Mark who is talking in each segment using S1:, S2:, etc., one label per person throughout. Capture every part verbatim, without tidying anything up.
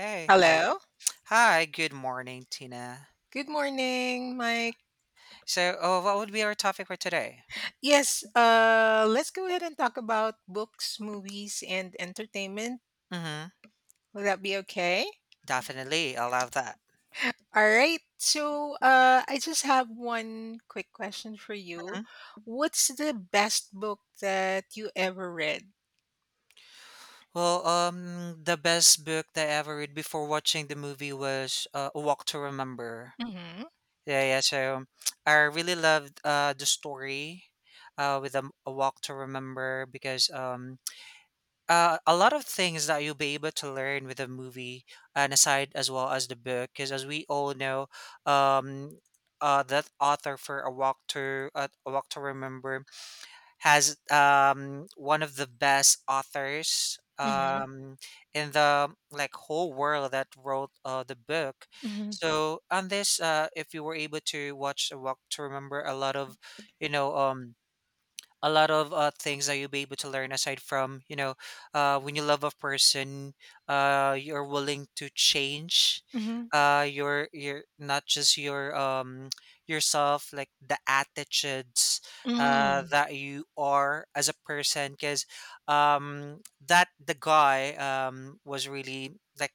S1: Hey, hel-
S2: Hello.
S1: Hi, good morning, Tina.
S2: Good morning, Mike.
S1: So, uh, what would be our topic for today?
S2: Yes, uh, let's go ahead and talk about books, movies, and entertainment.
S1: Mm-hmm.
S2: Will that be okay?
S1: Definitely, I love that.
S2: All right. So, uh, I just have one quick question for you.
S1: Hmm.
S2: What's the best book that you ever read?
S1: Well, um, the best book that I ever read before watching the movie was uh, A Walk to Remember.
S2: Mm-hmm.
S1: Yeah, yeah. So, I really loved uh, the story uh, with um, A Walk to Remember because um, uh, a lot of things that you'll be able to learn with the movie and aside as well as the book because as we all know um uh, that author for a walk to uh, a walk to remember has um one of the best authors
S2: Mm-hmm.
S1: um in the like whole world that wrote uh, the book.
S2: Mm-hmm.
S1: So on this uh if you were able to watch a walk to remember, a lot of you know um a lot of uh, things that you'll be able to learn aside from you know uh, when you love a person, uh, you're willing to change
S2: Mm-hmm.
S1: uh, your your not just your um yourself, like the attitudes uh, that you are as a person. Because um, that the guy um, was really, like,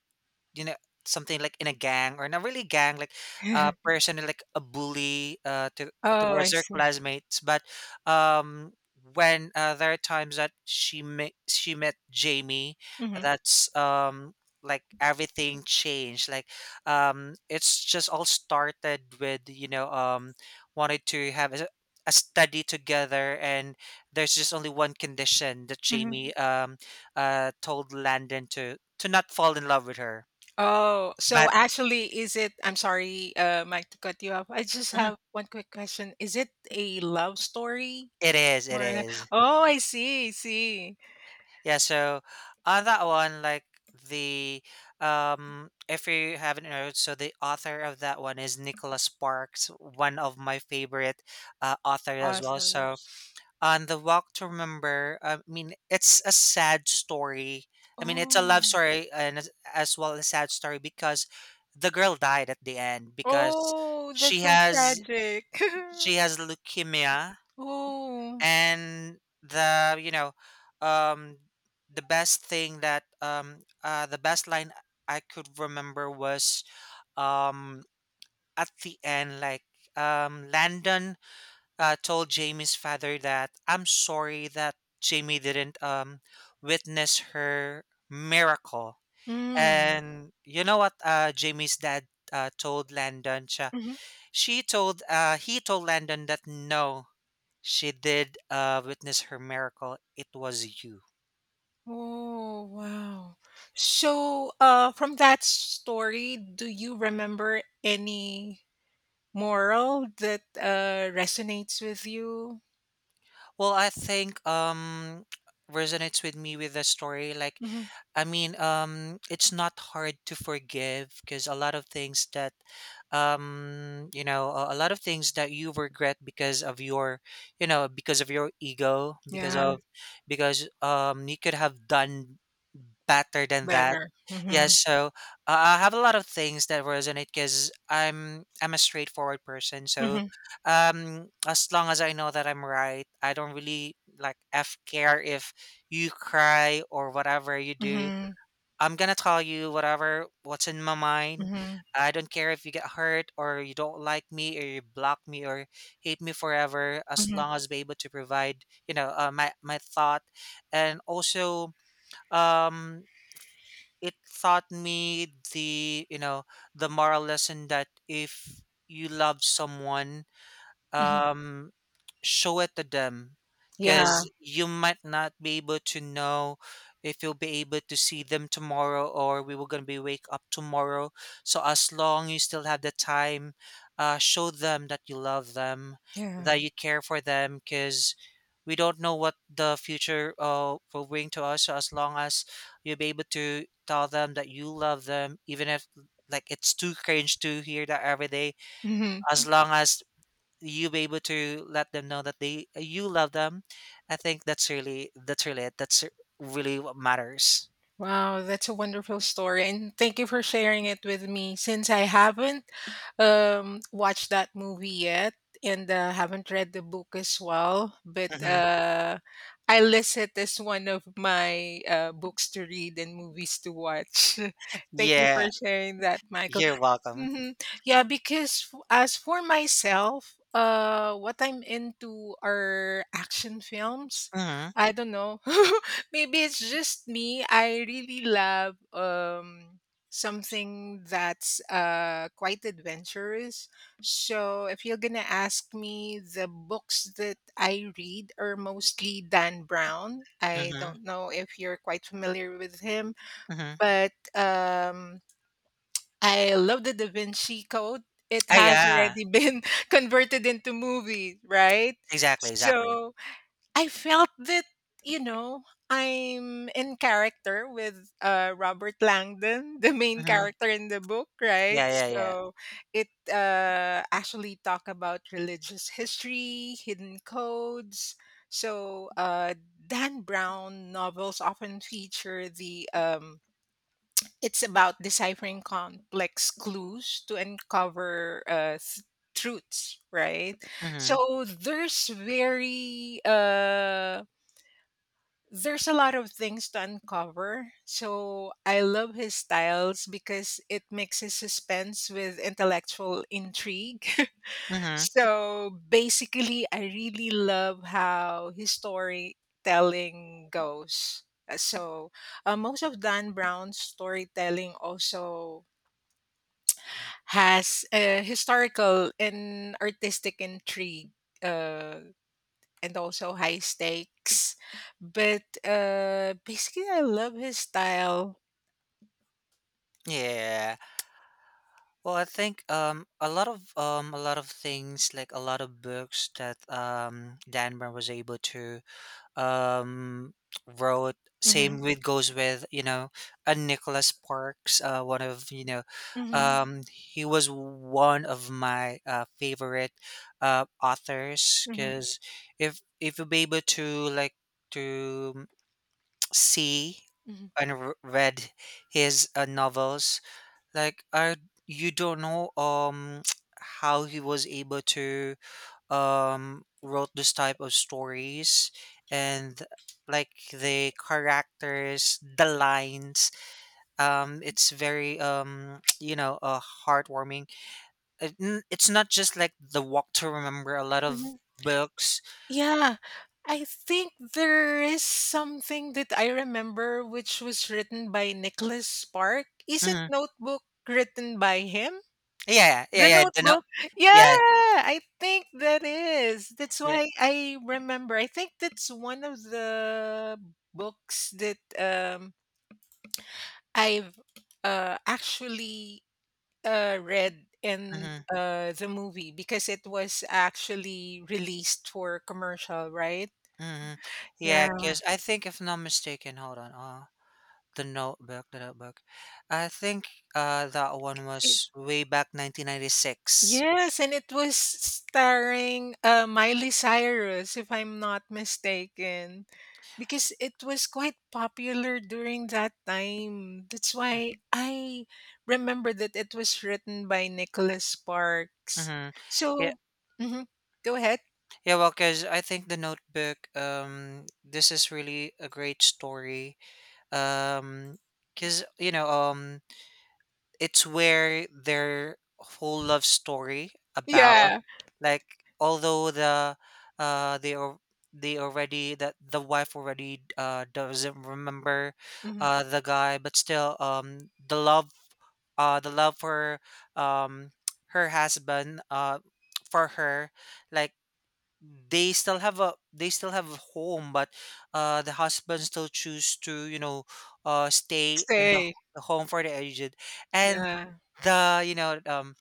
S1: you know, something like in a gang, or not really gang, like a person like a bully uh, to,
S2: Oh,
S1: towards
S2: I
S1: their
S2: see.
S1: classmates. But um, when uh, there are times that she met she met Jamie,
S2: Mm-hmm.
S1: that's um, like everything changed. Like, um, it's just all started with you know um, wanted to have a, a study together, and there's just only one condition that
S2: Mm-hmm.
S1: Jamie um, uh, told Landon to to not fall in love with her.
S2: Oh, so
S1: But
S2: actually, is it? I'm sorry, uh, Mike, to cut you off. I just
S1: mhm,
S2: have one quick question. Is it a love story?
S1: it is, it
S2: Or
S1: is.
S2: oh, I see, I see.
S1: Yeah, so on that one, like, the um if you haven't heard, so the author of that one is Nicholas Sparks, one of my favorite uh, authors as well. So
S2: Authors.
S1: on The Walk to Remember, I mean, it's a sad story. I mean, it's a love
S2: Oh,
S1: story and as as well as a sad story because the girl died at the end because
S2: oh,
S1: she
S2: that's so
S1: has
S2: tragic.
S1: she has leukemia.
S2: Oh,
S1: And the, you know um the best thing that um uh the best line I could remember was, um at the end, like, um Landon uh, told Jamie's father that I'm sorry that jamie didn't um witness her miracle.
S2: mm.
S1: And you know what, uh Jamie's dad uh, told Landon siya-
S2: Hmm.
S1: she told, uh he told Landon that no, she did uh, witness her miracle. It was you.
S2: Oh, wow. So, uh, from that story, do you remember any moral that uh resonates with you?
S1: Well, I think um resonates with me with the story. Like,
S2: Hmm.
S1: I mean, um, it's not hard to forgive because a lot of things that, um, you know, a a lot of things that you regret because of your, you know, because of your ego, because
S2: Yeah.
S1: of, because um, you could have done better than that.
S2: Better.
S1: Yeah,
S2: Mhm.
S1: so uh, I have a lot of things that resonate because I'm I'm a straightforward person. So
S2: Mhm.
S1: um as long as I know that I'm right, I don't really like f care if you cry or whatever you do.
S2: Mhm.
S1: I'm gonna tell you whatever what's in my mind.
S2: Mhm.
S1: I don't care if you get hurt or you don't like me or you block me or hate me forever, as
S2: Mhm.
S1: long as be able to provide you know uh, my my thought. And also, um it taught me the, you know, the moral lesson that if you love someone
S2: Mhm.
S1: um, show it to them,
S2: Yeah.
S1: because you might not be able to know if you'll be able to see them tomorrow or we were going to be wake up tomorrow. So as long you still have the time, uh, show them that you love them,
S2: Yeah.
S1: that you care for them, because we don't know what the future uh, will bring to us. So as long as you'll be able to tell them that you love them, even if like it's too cringe to hear that every day,
S2: Mhm.
S1: as long as you be able to let them know that they uh, you love them, I think that's really, that's really it, that's really what matters.
S2: Wow, that's a wonderful story. And thank you for sharing it with me, since I haven't um watched that movie yet and uh, haven't read the book as well, but
S1: Hmm.
S2: uh I list it as one of my uh, books to read and movies to watch. Thank you
S1: Yeah,
S2: for sharing that, Michael.
S1: you're welcome.
S2: Hmm. Yeah, because f- as for myself, uh what I'm into are action films.
S1: Hmm.
S2: I don't know, maybe it's just me. I really love um something that's, uh, quite adventurous. So if you're gonna ask me, the books that I read are mostly Dan Brown. I
S1: Hmm.
S2: don't know if you're quite familiar with him,
S1: Hmm.
S2: but, um, I love the Da Vinci Code. It
S1: Oh
S2: has
S1: yeah,
S2: already been converted into movie, right?
S1: exactly, exactly.
S2: So I felt that, you know, I'm in character with uh, Robert Langdon, the main
S1: Hmm.
S2: character in the book, right?
S1: Yeah, yeah, yeah.
S2: So it uh, actually talk about religious history, hidden codes. So uh, Dan Brown novels often feature the um, it's about deciphering complex clues to uncover uh, th- truths, right?
S1: Hmm.
S2: So there's very uh there's a lot of things to uncover. So I love his styles because it mixes suspense with intellectual intrigue.
S1: Hmm.
S2: So basically, I really love how his storytelling goes. Uh, So uh, most of Dan Brown's storytelling also has a historical and artistic intrigue. Uh, and also high stakes. But uh, basically, I love his style.
S1: Yeah, well, I think um a lot of um a lot of things, like a lot of books that um Dan Brown was able to um wrote, same
S2: Hmm.
S1: with goes with, you know, a Nicholas Parks, uh one of, you know,
S2: Hmm.
S1: um he was one of my uh favorite uh authors,
S2: Hmm.
S1: because if if you'll be able to, like, to see
S2: Hmm.
S1: and r- read his uh, novels, like I you don't know um how he was able to um wrote this type of stories. And like the characters, the lines, um it's very um you know uh heartwarming. It- n- it's not just like the walk to remember, a lot of
S2: Hmm.
S1: books.
S2: Yeah, I think there is something that I remember which was written by Nicholas Spark. Isn't
S1: Hmm.
S2: Notebook written by him?
S1: Yeah, yeah,
S2: The
S1: yeah, the no-
S2: Notebook. Yeah,
S1: yeah,
S2: I think that is. That's
S1: yeah.
S2: why I remember. I think that's one of the books that um I've uh, actually uh, read in
S1: Hmm.
S2: uh, the movie, because it was actually released for commercial, right?
S1: Hmm.
S2: Yeah.
S1: Yeah, because I think if not mistaken, hold on, uh the notebook, the notebook, I think uh that one
S2: It,
S1: was way back nineteen ninety-six.
S2: yes, and it was starring uh, Miley Cyrus, if I'm not mistaken, because it was quite popular during that time. That's why I remember that it was written by Nicholas Sparks.
S1: Mm-hmm. Yeah,
S2: So, mhm, go ahead.
S1: yeah. Well, because I think the Notebook. Um, this is really a great story. Um, because you know, um, it's where their whole love story about,
S2: Yeah.
S1: like, although the, uh, they al- they already that the wife already uh doesn't remember, uh, the guy, but still, um, the love, uh, the love for, um, her husband, uh, for her, like, they still have a they still have a home, but uh the husband still choose to you know uh stay in the,
S2: Stay.
S1: the home for the aged. And
S2: Yeah.
S1: the, you know um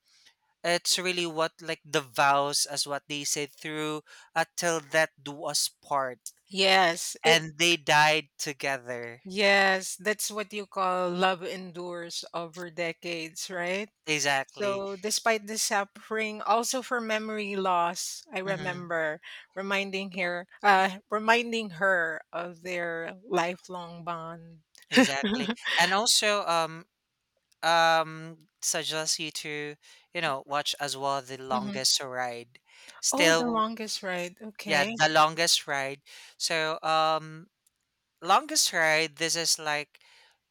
S1: it's really what, like the vows as what they say through, until that do us part,
S2: Yes. It
S1: and they died together.
S2: yes, that's what you call love endures over decades, right?
S1: Exactly.
S2: So despite the suffering, also for memory loss, I
S1: Hmm.
S2: remember reminding her uh reminding her of their lifelong bond.
S1: Exactly. And also um um suggest you to, you know, watch as well The
S2: Mhm.
S1: Longest Ride.
S2: Oh, the
S1: Still.
S2: longest ride.
S1: Yeah,
S2: Okay.
S1: The Longest Ride. So, um, longest ride, this is like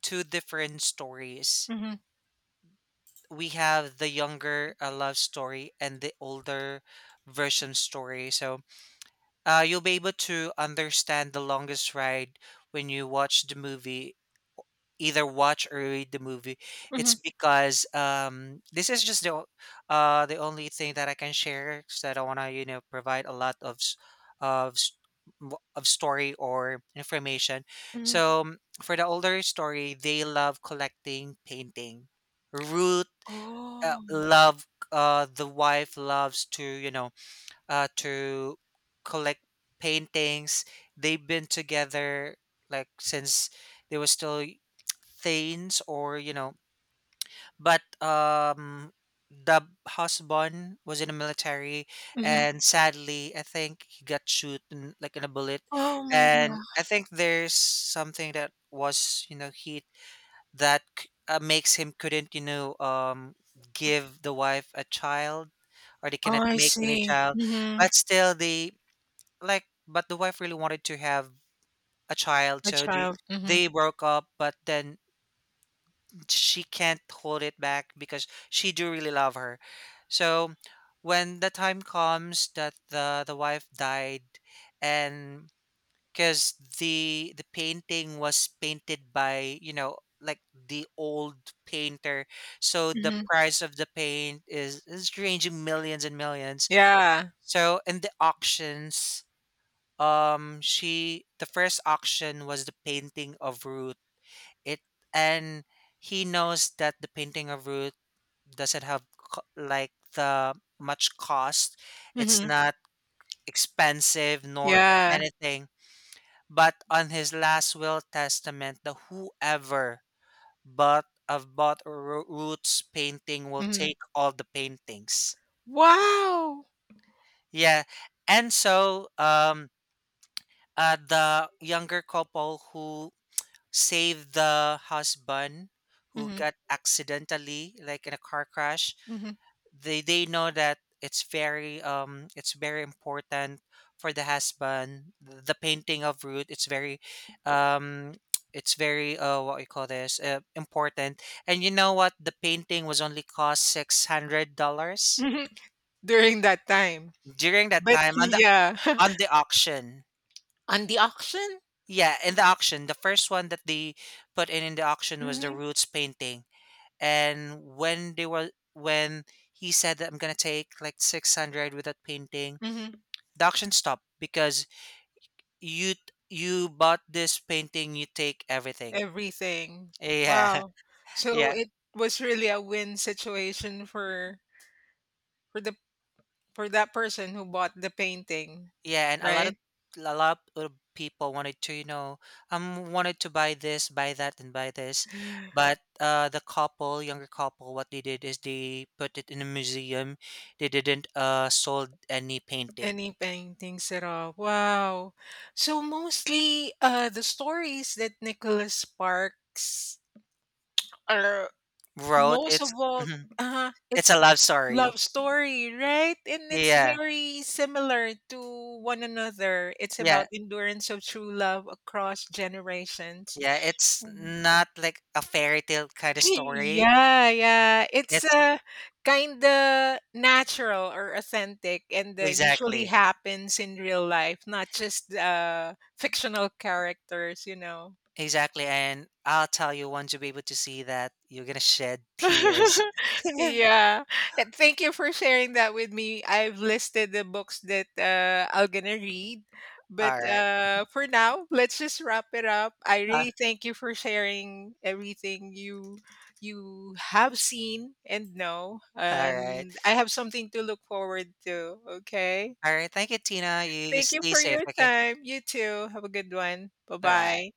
S1: two different stories.
S2: Hmm.
S1: We have the younger uh, love story and the older version story. So, uh, you'll be able to understand the longest ride when you watch the movie, either watch or read the movie.
S2: Hmm.
S1: It's because um, this is just the o- uh, the only thing that I can share. So I don't want to you know provide a lot of s- of s- w- of story or information.
S2: Hmm.
S1: So um, for the older story, they love collecting painting. Ruth uh,
S2: Oh.
S1: love uh, The wife loves to you know uh, to collect paintings. They've been together like since they were still y- teens, or you know. But um, the husband was in the military,
S2: Hmm.
S1: and sadly, I think he got shot in, like in a bullet.
S2: Oh my
S1: And I
S2: God.
S1: think there's something that was you know he that c- uh, makes him couldn't you know um give the wife a child, or they
S2: Oh,
S1: cannot
S2: I
S1: make any
S2: see.
S1: child.
S2: Hmm.
S1: But still they, like, but the wife really wanted to have a child,
S2: A
S1: so they,
S2: child. Hmm.
S1: they broke up, but then she can't hold it back because she do really love her. So when the time comes that the the wife died, and because the the painting was painted by, you know, like the old painter, so the
S2: Hmm.
S1: price of the paint is is ranging millions and millions.
S2: Yeah.
S1: So in the auctions, um she the first auction was the painting of Ruth. It and He knows that the painting of Ruth doesn't have co- like the much cost, it's
S2: Mhm.
S1: not expensive nor
S2: Yeah.
S1: anything. But on his last will testament, the whoever bought of bought Ru- Ruth's painting will
S2: Mhm.
S1: take all the paintings.
S2: Wow!
S1: Yeah. And so um uh, the younger couple who save the husband, who
S2: Mhm,
S1: got accidentally like in a car crash,
S2: mhm, mhm.
S1: they they know that it's very um it's very important for the husband. The painting of Ruth, it's very um it's very uh what we call this, uh, important. And you know what, the painting was only cost six hundred dollars
S2: During that time.
S1: during that
S2: But
S1: time. On the
S2: yeah.
S1: on the auction,
S2: On the auction?
S1: yeah, in the auction, the first one that they put in in the auction was the
S2: Mhm,
S1: roots painting. And when they were when he said that I'm gonna take like six hundred with that painting,
S2: mhm.
S1: the auction stopped because you you bought this painting, you take everything.
S2: Everything.
S1: Yeah,
S2: Wow. So
S1: yeah,
S2: it was really a win situation for for the for that person who bought the painting,
S1: yeah, and a lot of
S2: right?
S1: a lot of people wanted to you know um wanted to buy this, buy that, and buy this, but uh the couple, younger couple, what they did is they put it in a museum. They didn't uh sold any painting.
S2: Any paintings at all. Wow. So mostly uh the stories that Nicholas Sparks are
S1: Wrote
S2: Most of
S1: it's
S2: all, uh
S1: it's a
S2: it's
S1: love
S2: love
S1: story.
S2: story, right? And it's
S1: Yeah,
S2: very similar to one another. It's
S1: yeah,
S2: about endurance of true love across generations.
S1: yeah. It's
S2: Mm.
S1: not like a fairy tale kind of story.
S2: Yeah, yeah. It's
S1: It's
S2: uh, kind of natural or authentic and uh, usually
S1: exactly,
S2: happens in real life, not just uh, fictional characters, you know.
S1: exactly. And I'll tell you, once you'll be able to see that, you're gonna shed tears.
S2: Yeah. And thank you for sharing that with me. I've listed the books that uh, I'm gonna read. But
S1: All right.
S2: uh, for now, let's just wrap it up. I
S1: Uh,
S2: really thank you for sharing everything you you have seen and know.
S1: all right.
S2: And I have something to look forward to. Okay.
S1: All right. Thank you, Tina. You
S2: Thank you
S1: stay
S2: for
S1: safe.
S2: your
S1: Okay.
S2: time. You too. Have a good one. Bye
S1: Bye bye.
S2: bye.